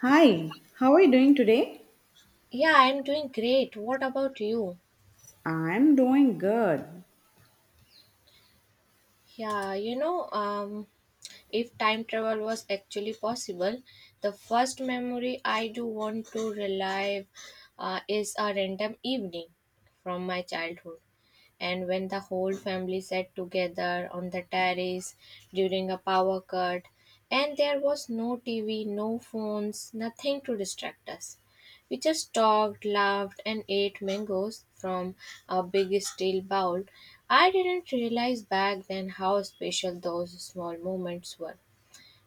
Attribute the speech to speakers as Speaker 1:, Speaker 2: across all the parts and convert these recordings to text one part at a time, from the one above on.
Speaker 1: Hi, how are you doing today?
Speaker 2: Yeah, I'm doing great. What about you?
Speaker 1: I'm doing good.
Speaker 2: Yeah, you know, um, if time travel was actually possible, the first memory I do want to relive is a random evening from my childhood. And when the whole family sat together on the terrace during a power cut, and there was no TV, no phones, nothing to distract us. We just talked, laughed, and ate mangoes from a big steel bowl. I didn't realize back then how special those small moments were.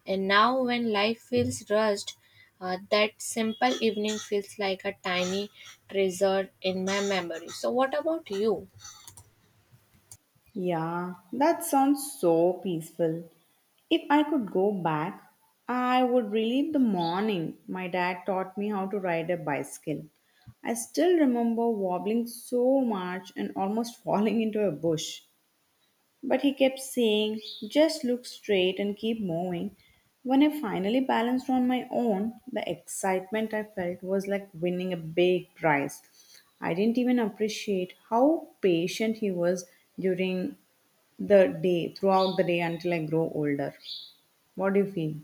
Speaker 2: And now, when life feels rushed, that simple evening feels like a tiny treasure in my memory. So, what about you?
Speaker 1: Yeah, that sounds so peaceful. If I could go back, I would relive the morning my dad taught me how to ride a bicycle. I still remember wobbling so much and almost falling into a bush. But he kept saying, just look straight and keep moving. When I finally balanced on my own, the excitement I felt was like winning a big prize. I didn't even appreciate how patient he was during the day, throughout the day until I grow older. What do you feel?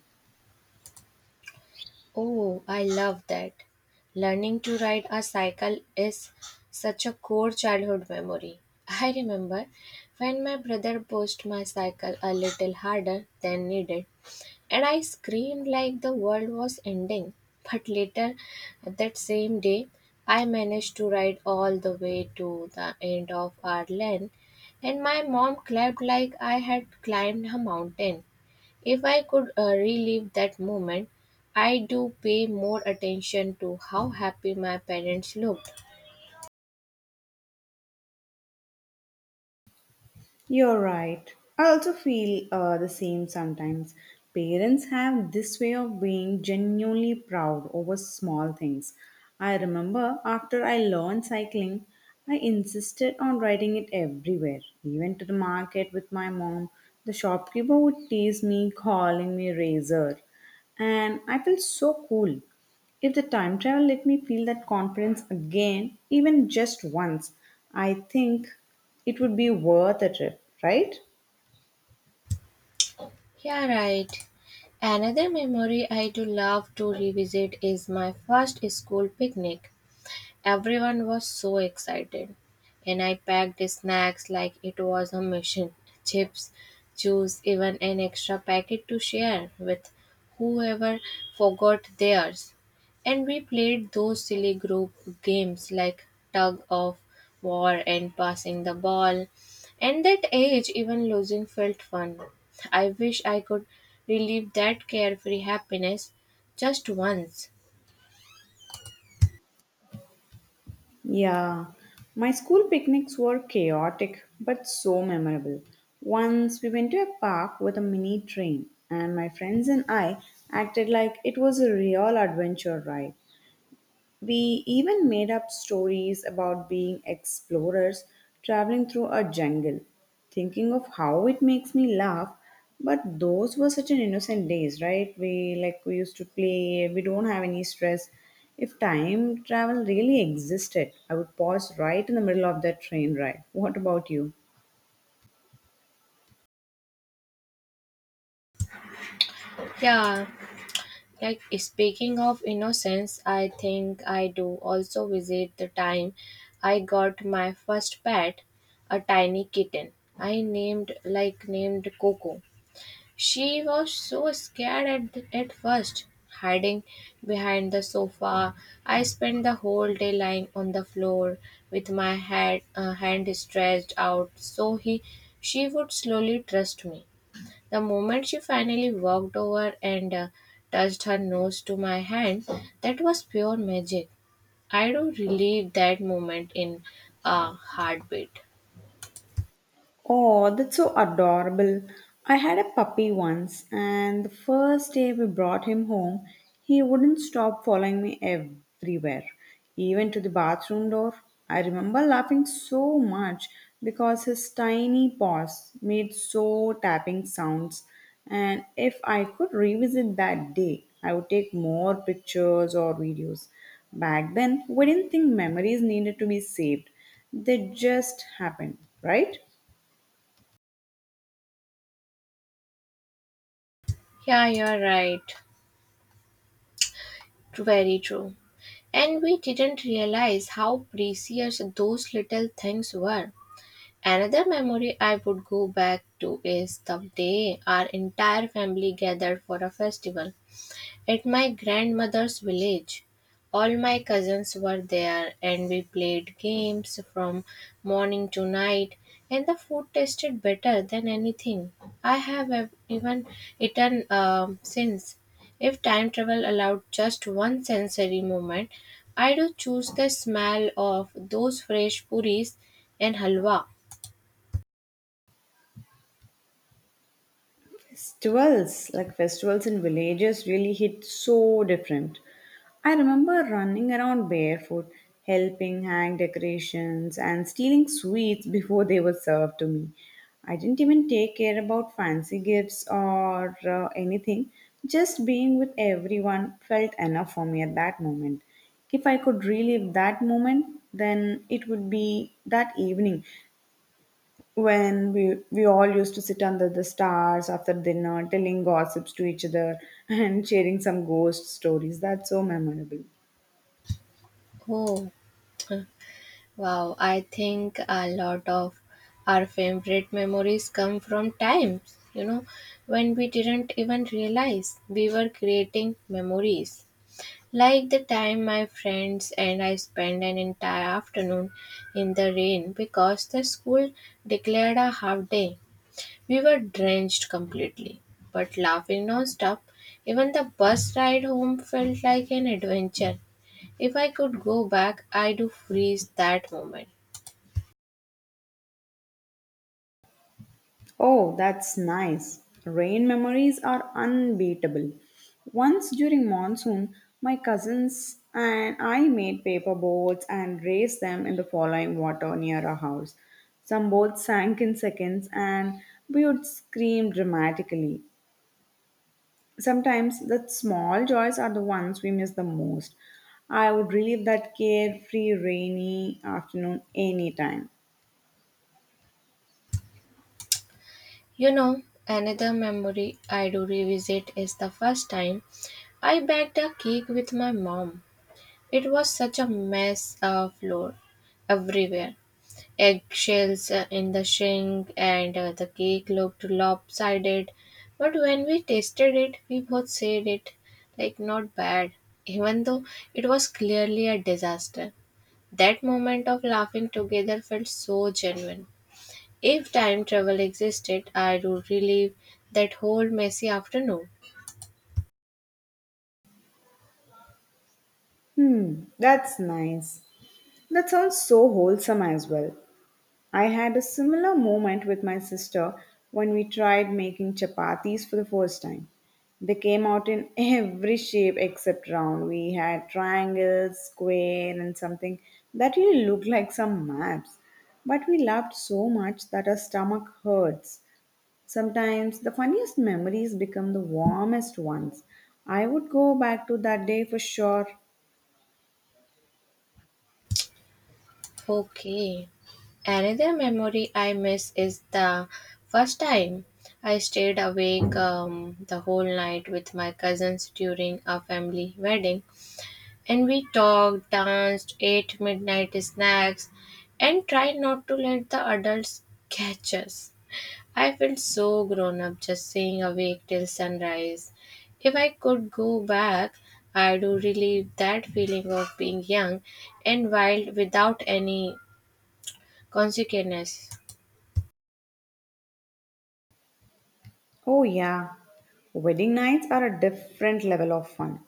Speaker 2: Oh, I love that. Learning to ride a cycle is such a core childhood memory. I remember when my brother pushed my cycle a little harder than needed, and I screamed like the world was ending. But later that same day, I managed to ride all the way to the end of our lane, and my mom clapped like I had climbed a mountain. If I could relive that moment, I do pay more attention to how happy my parents looked.
Speaker 1: You're right. I also feel the same sometimes. Parents have this way of being genuinely proud over small things. I remember after I learned cycling, I insisted on riding it everywhere, even to the market with my mom. The shopkeeper would tease me, calling me Razor. And I felt so cool. If the time travel let me feel that conference again, even just once, I think it would be worth a trip, right?
Speaker 2: Yeah, right. Another memory I do love to revisit is my first school picnic. Everyone was so excited, and I packed snacks like it was a mission: chips, juice, even an extra packet to share with whoever forgot theirs. And we played those silly group games like tug of war and passing the ball. And that age, even losing felt fun. I wish I could relive that carefree happiness just once.
Speaker 1: Yeah, my school picnics were chaotic but so memorable. Once we went to a park with a mini train, and my friends and I acted like it was a real adventure ride. We even made up stories about being explorers traveling through a jungle. Thinking of how it makes me laugh, but those were such an innocent days, right? We used to play, we don't have any stress. If time travel really existed, I would pause right in the middle of that train ride. What about you?
Speaker 2: Yeah. Like speaking of innocence, I think I do also visit the time I got my first pet, a tiny kitten. I named like named Coco. She was so scared at first, hiding behind the sofa. I spent the whole day lying on the floor with my head hand stretched out so he, she would slowly trust me. The moment she finally walked over and touched her nose to my hand, that was pure magic. I do relive that moment in a heartbeat.
Speaker 1: Oh, that's so adorable. I had a puppy once, and the first day we brought him home, he wouldn't stop following me everywhere, even to the bathroom door. I remember laughing so much because his tiny paws made so tapping sounds. And if I could revisit that day, I would take more pictures or videos. Back then, we didn't think memories needed to be saved, they just happened, right?
Speaker 2: Yeah, you're right. Very true. And we didn't realize how precious those little things were. Another memory I would go back to is the day our entire family gathered for a festival. At my grandmother's village, all my cousins were there and we played games from morning to night and the food tasted better than anything I even eaten since. If time travel allowed just one sensory moment, I do choose the smell of those fresh puris and halwa.
Speaker 1: Festivals, like festivals in villages, really hit so different. I remember running around barefoot, helping hang decorations, and stealing sweets before they were served to me. I didn't even take care about fancy gifts or anything. Just being with everyone felt enough for me at that moment. If I could relive that moment, then it would be that evening when we all used to sit under the stars after dinner telling gossips to each other and sharing some ghost stories. That's so memorable.
Speaker 2: Oh, wow, I think a lot of our favorite memories come from times, you know, when we didn't even realize we were creating memories. Like the time my friends and I spent an entire afternoon in the rain because the school declared a half day. We were drenched completely, but laughing non-stop. Even the bus ride home felt like an adventure. If I could go back, I do freeze that moment.
Speaker 1: Oh, that's nice. Rain memories are unbeatable. Once during monsoon, my cousins and I made paper boats and raised them in the falling water near our house. Some boats sank in seconds and we would scream dramatically. Sometimes the small joys are the ones we miss the most. I would relive that carefree rainy afternoon anytime.
Speaker 2: You know, another memory I do revisit is the first time I baked a cake with my mom. It was such a mess of flour everywhere, eggshells in the sink, and the cake looked lopsided. But when we tasted it, we both said it like not bad, even though it was clearly a disaster. That moment of laughing together felt so genuine. If time travel existed, I would relive that whole messy afternoon.
Speaker 1: Hmm, that's nice. That sounds so wholesome as well. I had a similar moment with my sister when we tried making chapatis for the first time. They came out in every shape except round. We had triangles, square, and something that really looked like some maps. But we laughed so much that our stomach hurts. Sometimes the funniest memories become the warmest ones. I would go back to that day for sure.
Speaker 2: Okay. Another memory I miss is the first time I stayed awake the whole night with my cousins during a family wedding. And we talked, danced, ate midnight snacks, and tried not to let the adults catch us. I felt so grown up just staying awake till sunrise. If I could go back, I would relive that feeling of being young and wild without any consequences.
Speaker 1: Oh, yeah. Wedding nights are a different level of fun.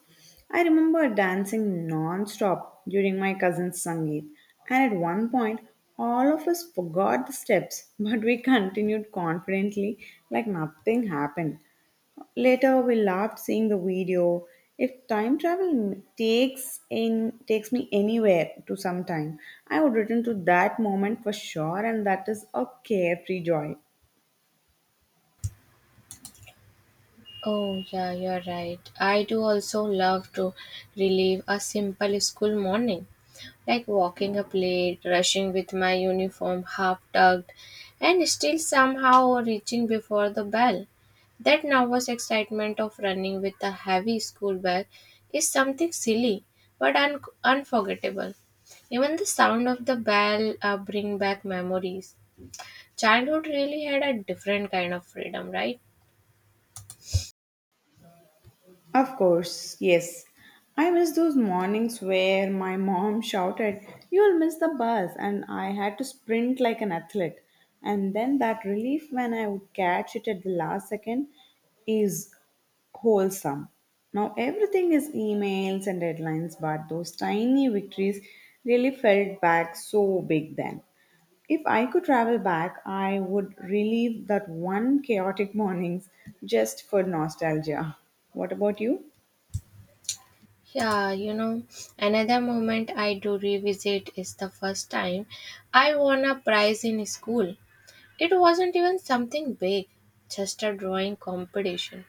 Speaker 1: I remember dancing non stop during my cousin's Sangeet, and at one point, all of us forgot the steps, but we continued confidently like nothing happened. Later, we laughed seeing the video. If time travel takes me anywhere to some time, I would return to that moment for sure, and that is a carefree joy.
Speaker 2: Oh, yeah, you're right. I do also love to relive a simple school morning, like walking up late, rushing with my uniform half tucked, and still somehow reaching before the bell. That nervous excitement of running with a heavy school bag is something silly but unforgettable. Even the sound of the bell bring back memories. Childhood really had a different kind of freedom, right?
Speaker 1: Of course, yes. I miss those mornings where my mom shouted, you'll miss the bus, and I had to sprint like an athlete. And then that relief when I would catch it at the last second is wholesome. Now, everything is emails and deadlines, but those tiny victories really felt back so big then. If I could travel back, I would relive that one chaotic mornings just for nostalgia. What about you?
Speaker 2: Yeah, you know, another moment I do revisit is the first time I won a prize in school. It wasn't even something big, just a drawing competition.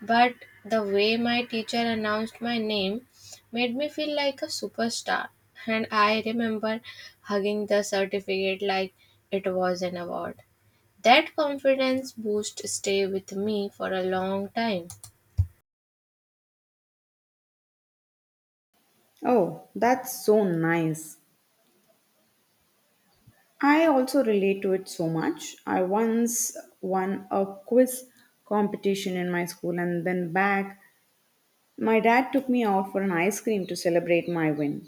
Speaker 2: But the way my teacher announced my name made me feel like a superstar. And I remember hugging the certificate like it was an award. That confidence boost stay with me for a long time.
Speaker 1: Oh, that's so nice. I also relate to it so much. I once won a quiz competition in my school and then back, my dad took me out for an ice cream to celebrate my win.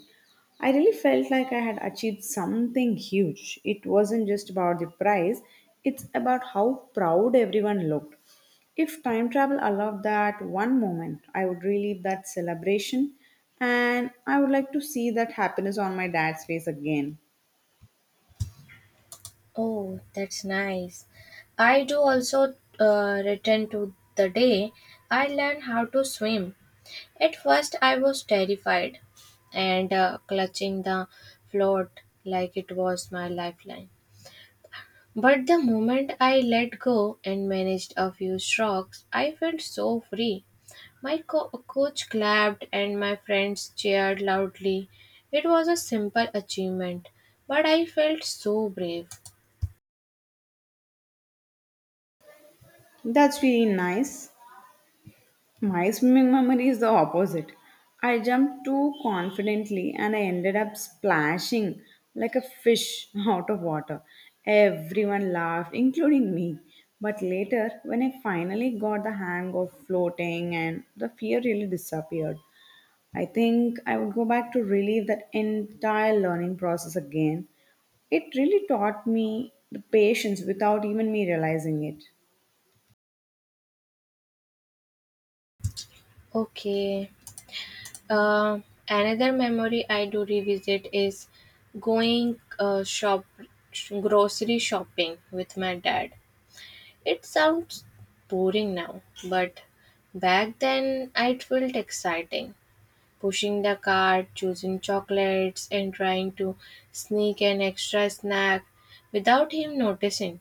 Speaker 1: I really felt like I had achieved something huge. It wasn't just about the prize, it's about how proud everyone looked. If time travel allowed that one moment, I would relive that celebration and I would like to see that happiness on my dad's face again.
Speaker 2: Oh, that's nice. I do also return to the day I learned how to swim. At first, I was terrified and clutching the float like it was my lifeline. But the moment I let go and managed a few strokes, I felt so free. My coach clapped and my friends cheered loudly. It was a simple achievement, but I felt so brave.
Speaker 1: That's really nice. My swimming memory is the opposite. I jumped too confidently and I ended up splashing like a fish out of water. Everyone laughed, including me. But later, when I finally got the hang of floating and the fear really disappeared, I think I would go back to relive that entire learning process again. It really taught me the patience without even me realizing it.
Speaker 2: Okay. Uh, Another memory I do revisit is going shop grocery shopping with my dad. It sounds boring now, but back then it felt exciting. Pushing the cart, choosing chocolates, and trying to sneak an extra snack without him noticing.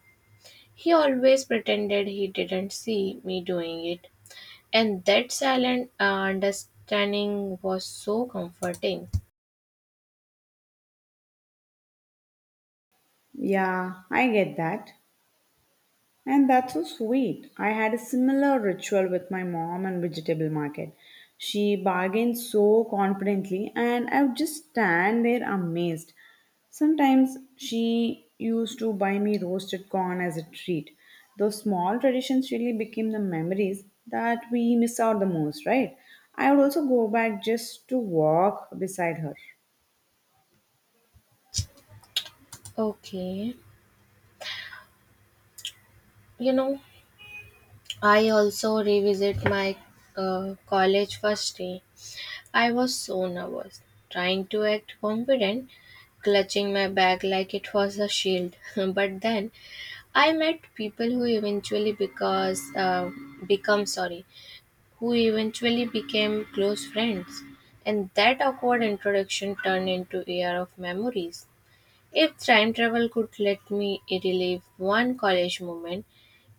Speaker 2: He always pretended he didn't see me doing it, and that silent understanding was so comforting.
Speaker 1: Yeah, I get that. And that's so sweet. I had a similar ritual with my mom and vegetable market. She bargained so confidently, and I would just stand there amazed. Sometimes she used to buy me roasted corn as a treat. Those small traditions really became the memories that we miss out the most, right? I would also go back just to walk beside her.
Speaker 2: Okay, you know, I also revisit my college first day. I was so nervous, trying to act confident, clutching my bag like it was a shield. But then I met people who eventually because become sorry, who eventually became close friends, and that awkward introduction turned into a year of memories. If time travel could let me relive one college moment,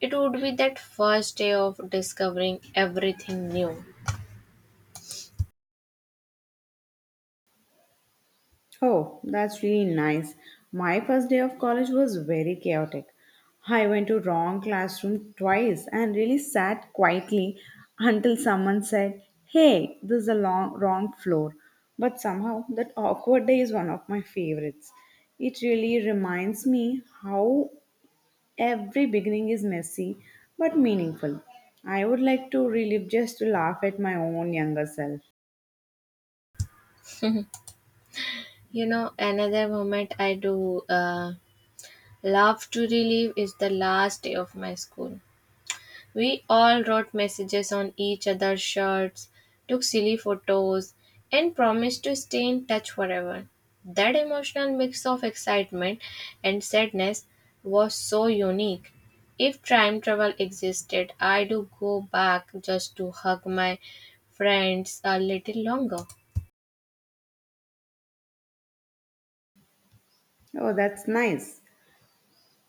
Speaker 2: it would be that first day of discovering everything new.
Speaker 1: Oh, that's really nice. My first day of college was very chaotic. I went to wrong classroom twice and really sat quietly until someone said, "Hey, this is a long, wrong floor." But somehow that awkward day is one of my favorites. It really reminds me how every beginning is messy but meaningful. I would like to relive just to laugh at my own younger self.
Speaker 2: You know, another moment I do love to relive is the last day of my school. We all wrote messages on each other's shirts, took silly photos, and promised to stay in touch forever. That emotional mix of excitement and sadness was so unique. If time travel existed, I do go back just to hug my friends a little longer.
Speaker 1: Oh, that's nice.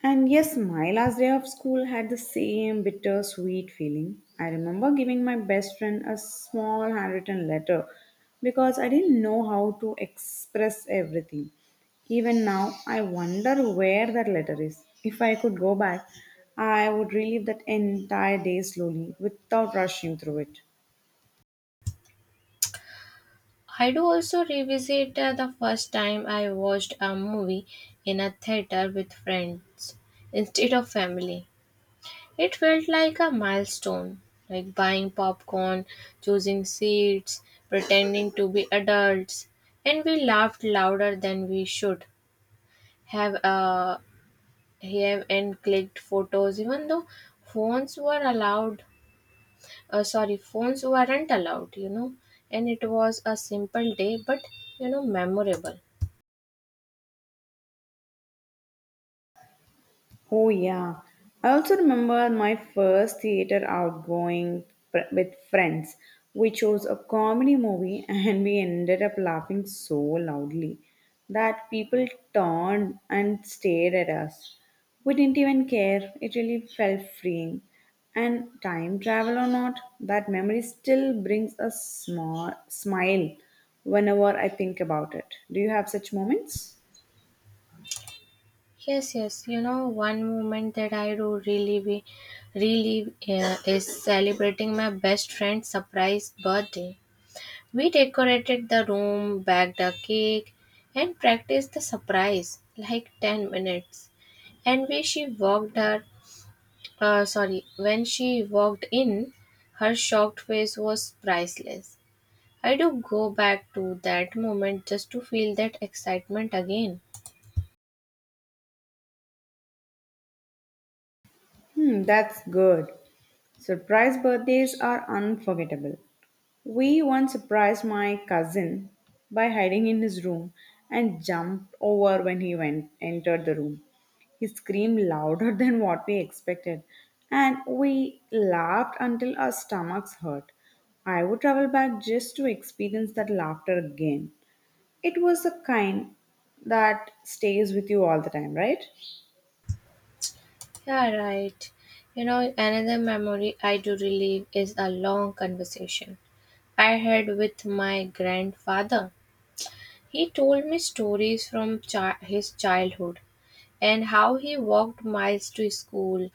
Speaker 1: And yes, my last day of school had the same bittersweet feeling. I remember giving my best friend a small handwritten letter because I didn't know how to express everything. Even now, I wonder where that letter is. If I could go back, I would relive that entire day slowly without rushing through it.
Speaker 2: I do also revisit the first time I watched a movie in a theater with friends instead of family. It felt like a milestone, like buying popcorn, choosing seats, pretending to be adults, and we laughed louder than we should have uh, have and clicked photos even though phones were allowed phones weren't allowed, you know, and it was a simple day but, you know, memorable.
Speaker 1: Oh, yeah. I also remember my first theater outgoing with friends. We chose a comedy movie and we ended up laughing so loudly that people turned and stared at us. We didn't even care. It really felt freeing. And time travel or not, that memory still brings a small smile whenever I think about it. Do you have such moments?
Speaker 2: Yes, yes, you know, one moment that I do really is celebrating my best friend's surprise birthday. We decorated the room, baked a cake, and practiced the surprise like 10 minutes. And when she walked in, her shocked face was priceless. I do go back to that moment just to feel that excitement again.
Speaker 1: Hmm, that's good. Surprise birthdays are unforgettable. We once surprised my cousin by hiding in his room and jumped over when he went entered the room. He screamed louder than what we expected, and we laughed until our stomachs hurt. I would travel back just to experience that laughter again. It was the kind that stays with you all the time, right?
Speaker 2: Yeah, right. You know, another memory I do relive is a long conversation I had with my grandfather. He told me stories from his childhood and how he walked miles to school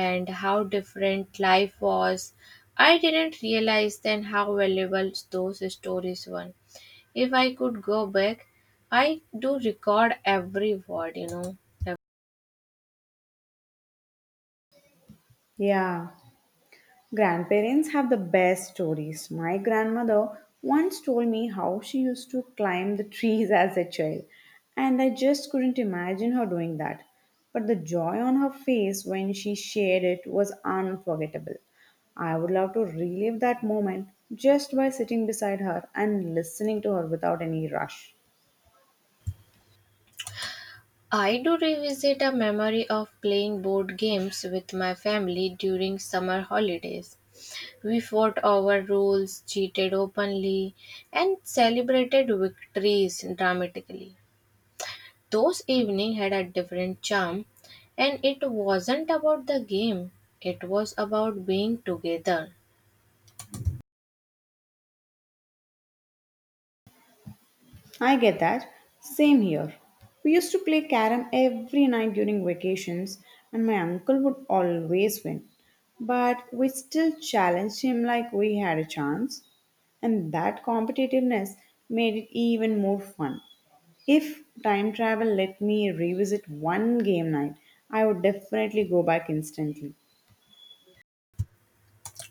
Speaker 2: and how different life was. I didn't realize then how valuable those stories were. If I could go back, I do record every word, you know.
Speaker 1: Yeah. Grandparents have the best stories. My grandmother once told me how she used to climb the trees as a child, and I just couldn't imagine her doing that. But the joy on her face when she shared it was unforgettable. I would love to relive that moment just by sitting beside her and listening to her without any rush.
Speaker 2: I do revisit a memory of playing board games with my family during summer holidays. We fought over rules, cheated openly, and celebrated victories dramatically. Those evenings had a different charm, and it wasn't about the game, it was about being together.
Speaker 1: I get that. Same here. We used to play carom every night during vacations, and my uncle would always win. But we still challenged him like we had a chance, and that competitiveness made it even more fun. If time travel let me revisit one game night, I would definitely go back instantly.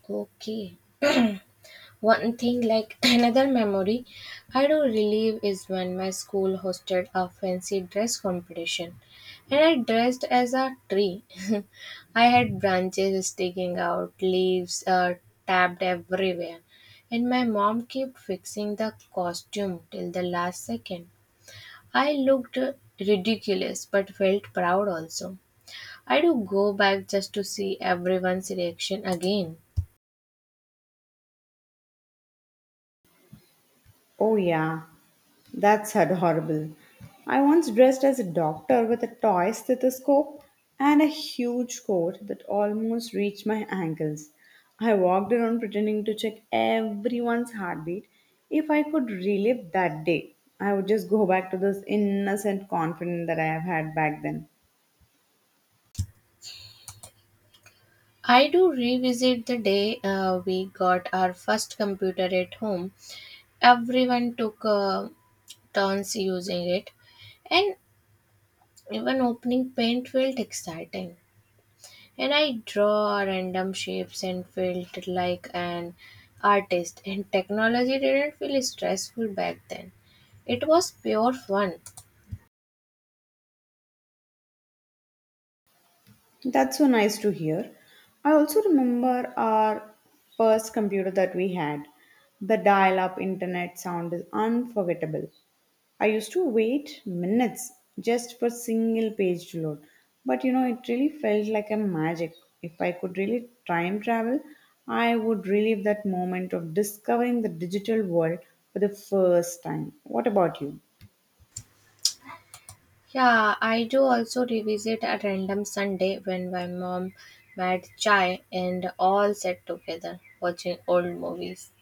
Speaker 2: Okay. One thing, like, another memory I do relive is when my school hosted a fancy dress competition and I dressed as a tree. I had branches sticking out, leaves tapped everywhere, and my mom kept fixing the costume till the last second. I looked ridiculous but felt proud also. I do go back just to see everyone's reaction again.
Speaker 1: Oh, yeah, that's adorable. I once dressed as a doctor with a toy stethoscope and a huge coat that almost reached my ankles. I walked around pretending to check everyone's heartbeat. If I could relive that day, I would just go back to this innocent confidence that I have had back then.
Speaker 2: I do revisit the day we got our first computer at home. Everyone took turns using it, and even opening paint felt exciting. And I draw random shapes and felt like an artist, and technology didn't feel stressful back then. It was pure fun.
Speaker 1: That's so nice to hear. I also remember our first computer that we had. The dial up internet sound is unforgettable. I used to wait minutes just for single page to load. But you know, it really felt like a magic. If I could really time travel, I would relive that moment of discovering the digital world for the first time. What about you?
Speaker 2: Yeah, I do also revisit a random Sunday when my mom made chai and all sat together watching old movies.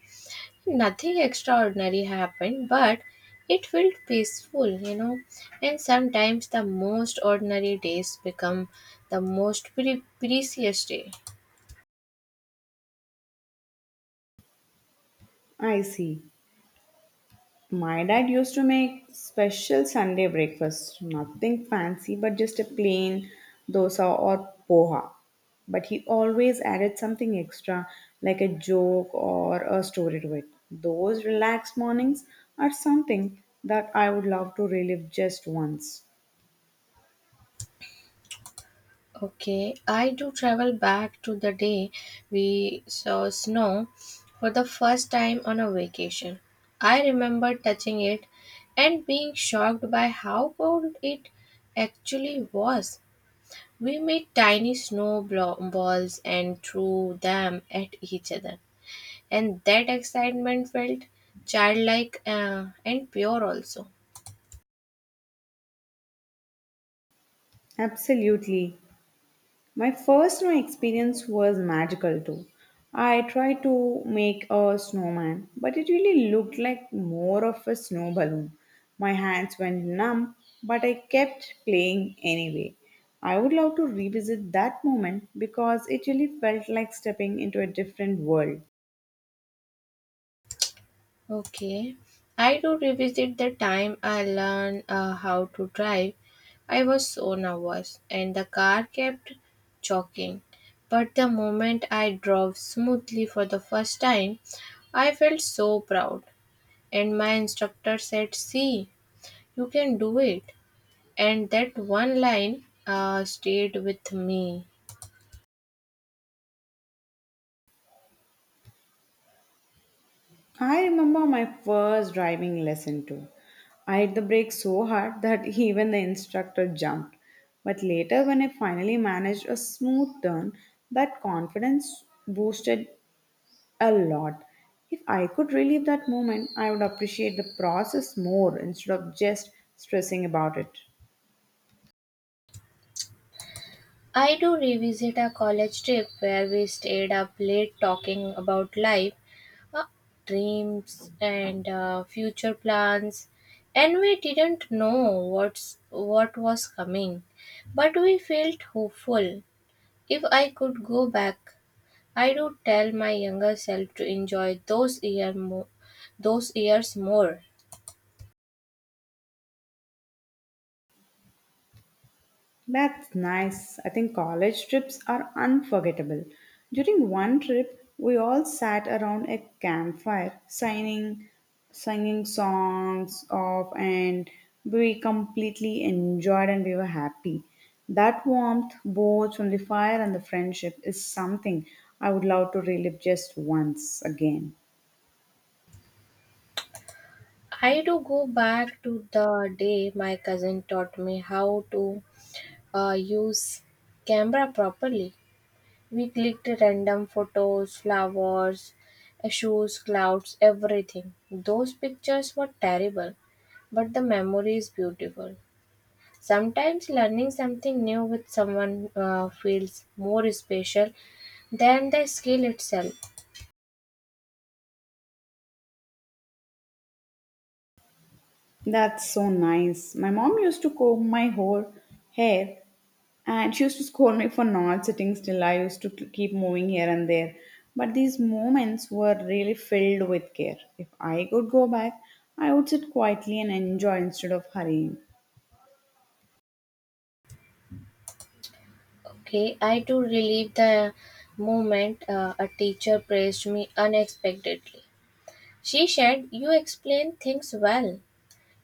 Speaker 2: Nothing extraordinary happened, but it felt peaceful, you know. And sometimes the most ordinary days become the most precious day.
Speaker 1: I see. My dad used to make special Sunday breakfast, nothing fancy, but just a plain dosa or poha. But he always added something extra, like a joke or a story to it. Those relaxed mornings are something that I would love to relive just once.
Speaker 2: Okay, I do travel back to the day we saw snow for the first time on a vacation. I remember touching it and being shocked by how cold it actually was. We made tiny balls and threw them at each other, and that excitement felt childlike and pure also.
Speaker 1: Absolutely. My first snow experience was magical too. I tried to make a snowman, but it really looked like more of a snow balloon. My hands went numb, but I kept playing anyway. I would love to revisit that moment because it really felt like stepping into a different world.
Speaker 2: Okay, I do revisit the time I learned how to drive. I was so nervous, and the car kept choking. But the moment I drove smoothly for the first time, I felt so proud. And my instructor said, "See, you can do it." And that one line stayed with me.
Speaker 1: I remember my first driving lesson too. I hit the brake so hard that even the instructor jumped. But later, when I finally managed a smooth turn, that confidence boosted a lot. If I could relive that moment, I would appreciate the process more instead of just stressing about it.
Speaker 2: I do revisit a college trip where we stayed up late talking about life, uh, dreams and future plans, and we didn't know what was coming, but we felt hopeful. If I could go back, I would tell my younger self to enjoy those years more.
Speaker 1: That's nice. I think college trips are unforgettable. During one trip, we all sat around a campfire singing songs of and we completely enjoyed and we were happy. That warmth both from the fire and the friendship is something I would love to relive just once again.
Speaker 2: I do go back to the day my cousin taught me how to use camera properly. We clicked random photos, flowers, shoes, clouds, everything. Those pictures were terrible, but the memory is beautiful. Sometimes learning something new with someone feels more special than the skill itself.
Speaker 1: That's so nice. My mom used to comb my whole hair and she used to scold me for not sitting still. I used to keep moving here and there. But these moments were really filled with care. If I could go back, I would sit quietly and enjoy instead of hurrying.
Speaker 2: Okay, I do relive the moment a teacher praised me unexpectedly. She said, "You explain things well.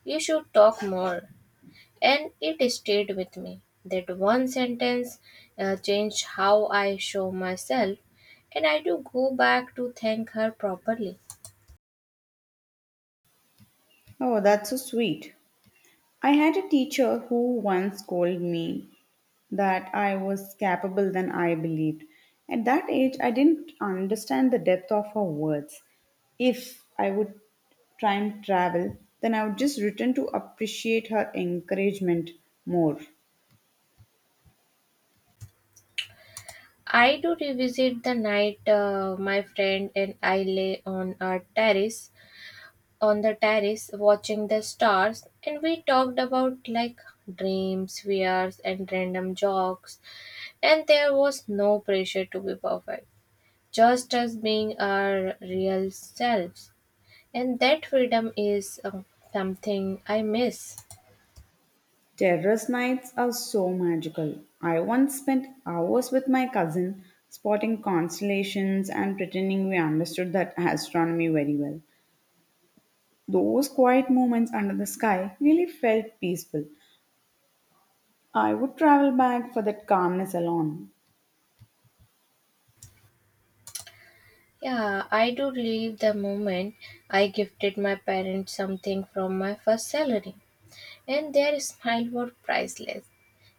Speaker 2: You should talk more." And it stayed with me. That one sentence changed how I show myself, and I do go back to thank her properly.
Speaker 1: Oh, that's so sweet. I had a teacher who once told me that I was capable than I believed. At that age, I didn't understand the depth of her words. If I would try and travel, then I would just return to appreciate her encouragement more.
Speaker 2: I do revisit the night my friend and I lay on our terrace, on the terrace watching the stars, and we talked about like dreams, fears, and random jokes. And there was no pressure to be perfect, just as being our real selves. And that freedom is something I miss.
Speaker 1: Terrace nights are so magical. I once spent hours with my cousin spotting constellations and pretending we understood that astronomy very well. Those quiet moments under the sky really felt peaceful. I would travel back for that calmness alone.
Speaker 2: Yeah, I do relive the moment I gifted my parents something from my first salary, and their smile were priceless.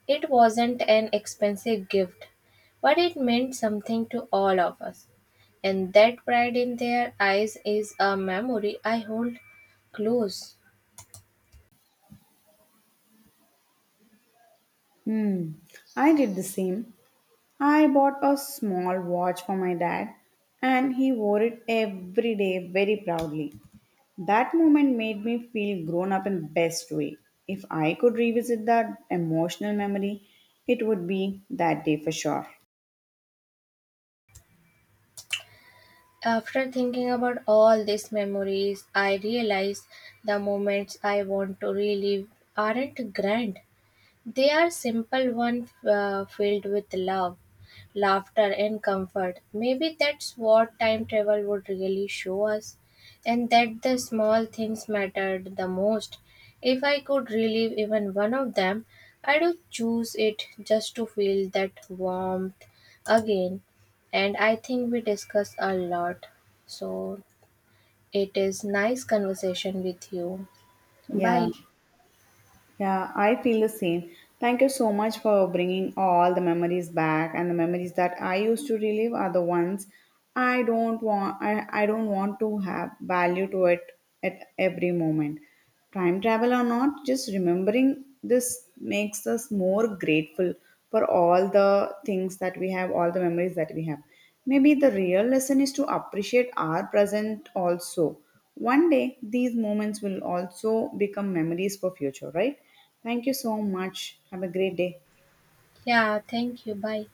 Speaker 2: It wasn't an expensive gift, but it meant something to all of us. And that pride in their eyes is a memory I hold close.
Speaker 1: Hmm, I did the same. I bought a small watch for my dad and he wore it every day very proudly. That moment made me feel grown up in the best way. If I could revisit that emotional memory, it would be that day for sure.
Speaker 2: After thinking about all these memories, I realize the moments I want to relive aren't grand. They are simple ones filled with love, laughter, and comfort. Maybe that's what time travel would really show us, and that the small things mattered the most. If I could relive even one of them, I would choose it just to feel that warmth again. And I think we discuss a lot. So it is nice conversation with you.
Speaker 1: Yeah.
Speaker 2: Bye.
Speaker 1: Yeah, I feel the same. Thank you so much for bringing all the memories back and the memories that I used to relive are the ones I don't want I don't want to have value to it at every moment. Time travel or not, just remembering this makes us more grateful for all the things that we have, all the memories that we have. Maybe the real lesson is to appreciate our present also one day, these moments will also become memories for future, right? Thank you so much. Have a great day.
Speaker 2: Yeah, thank you. Bye.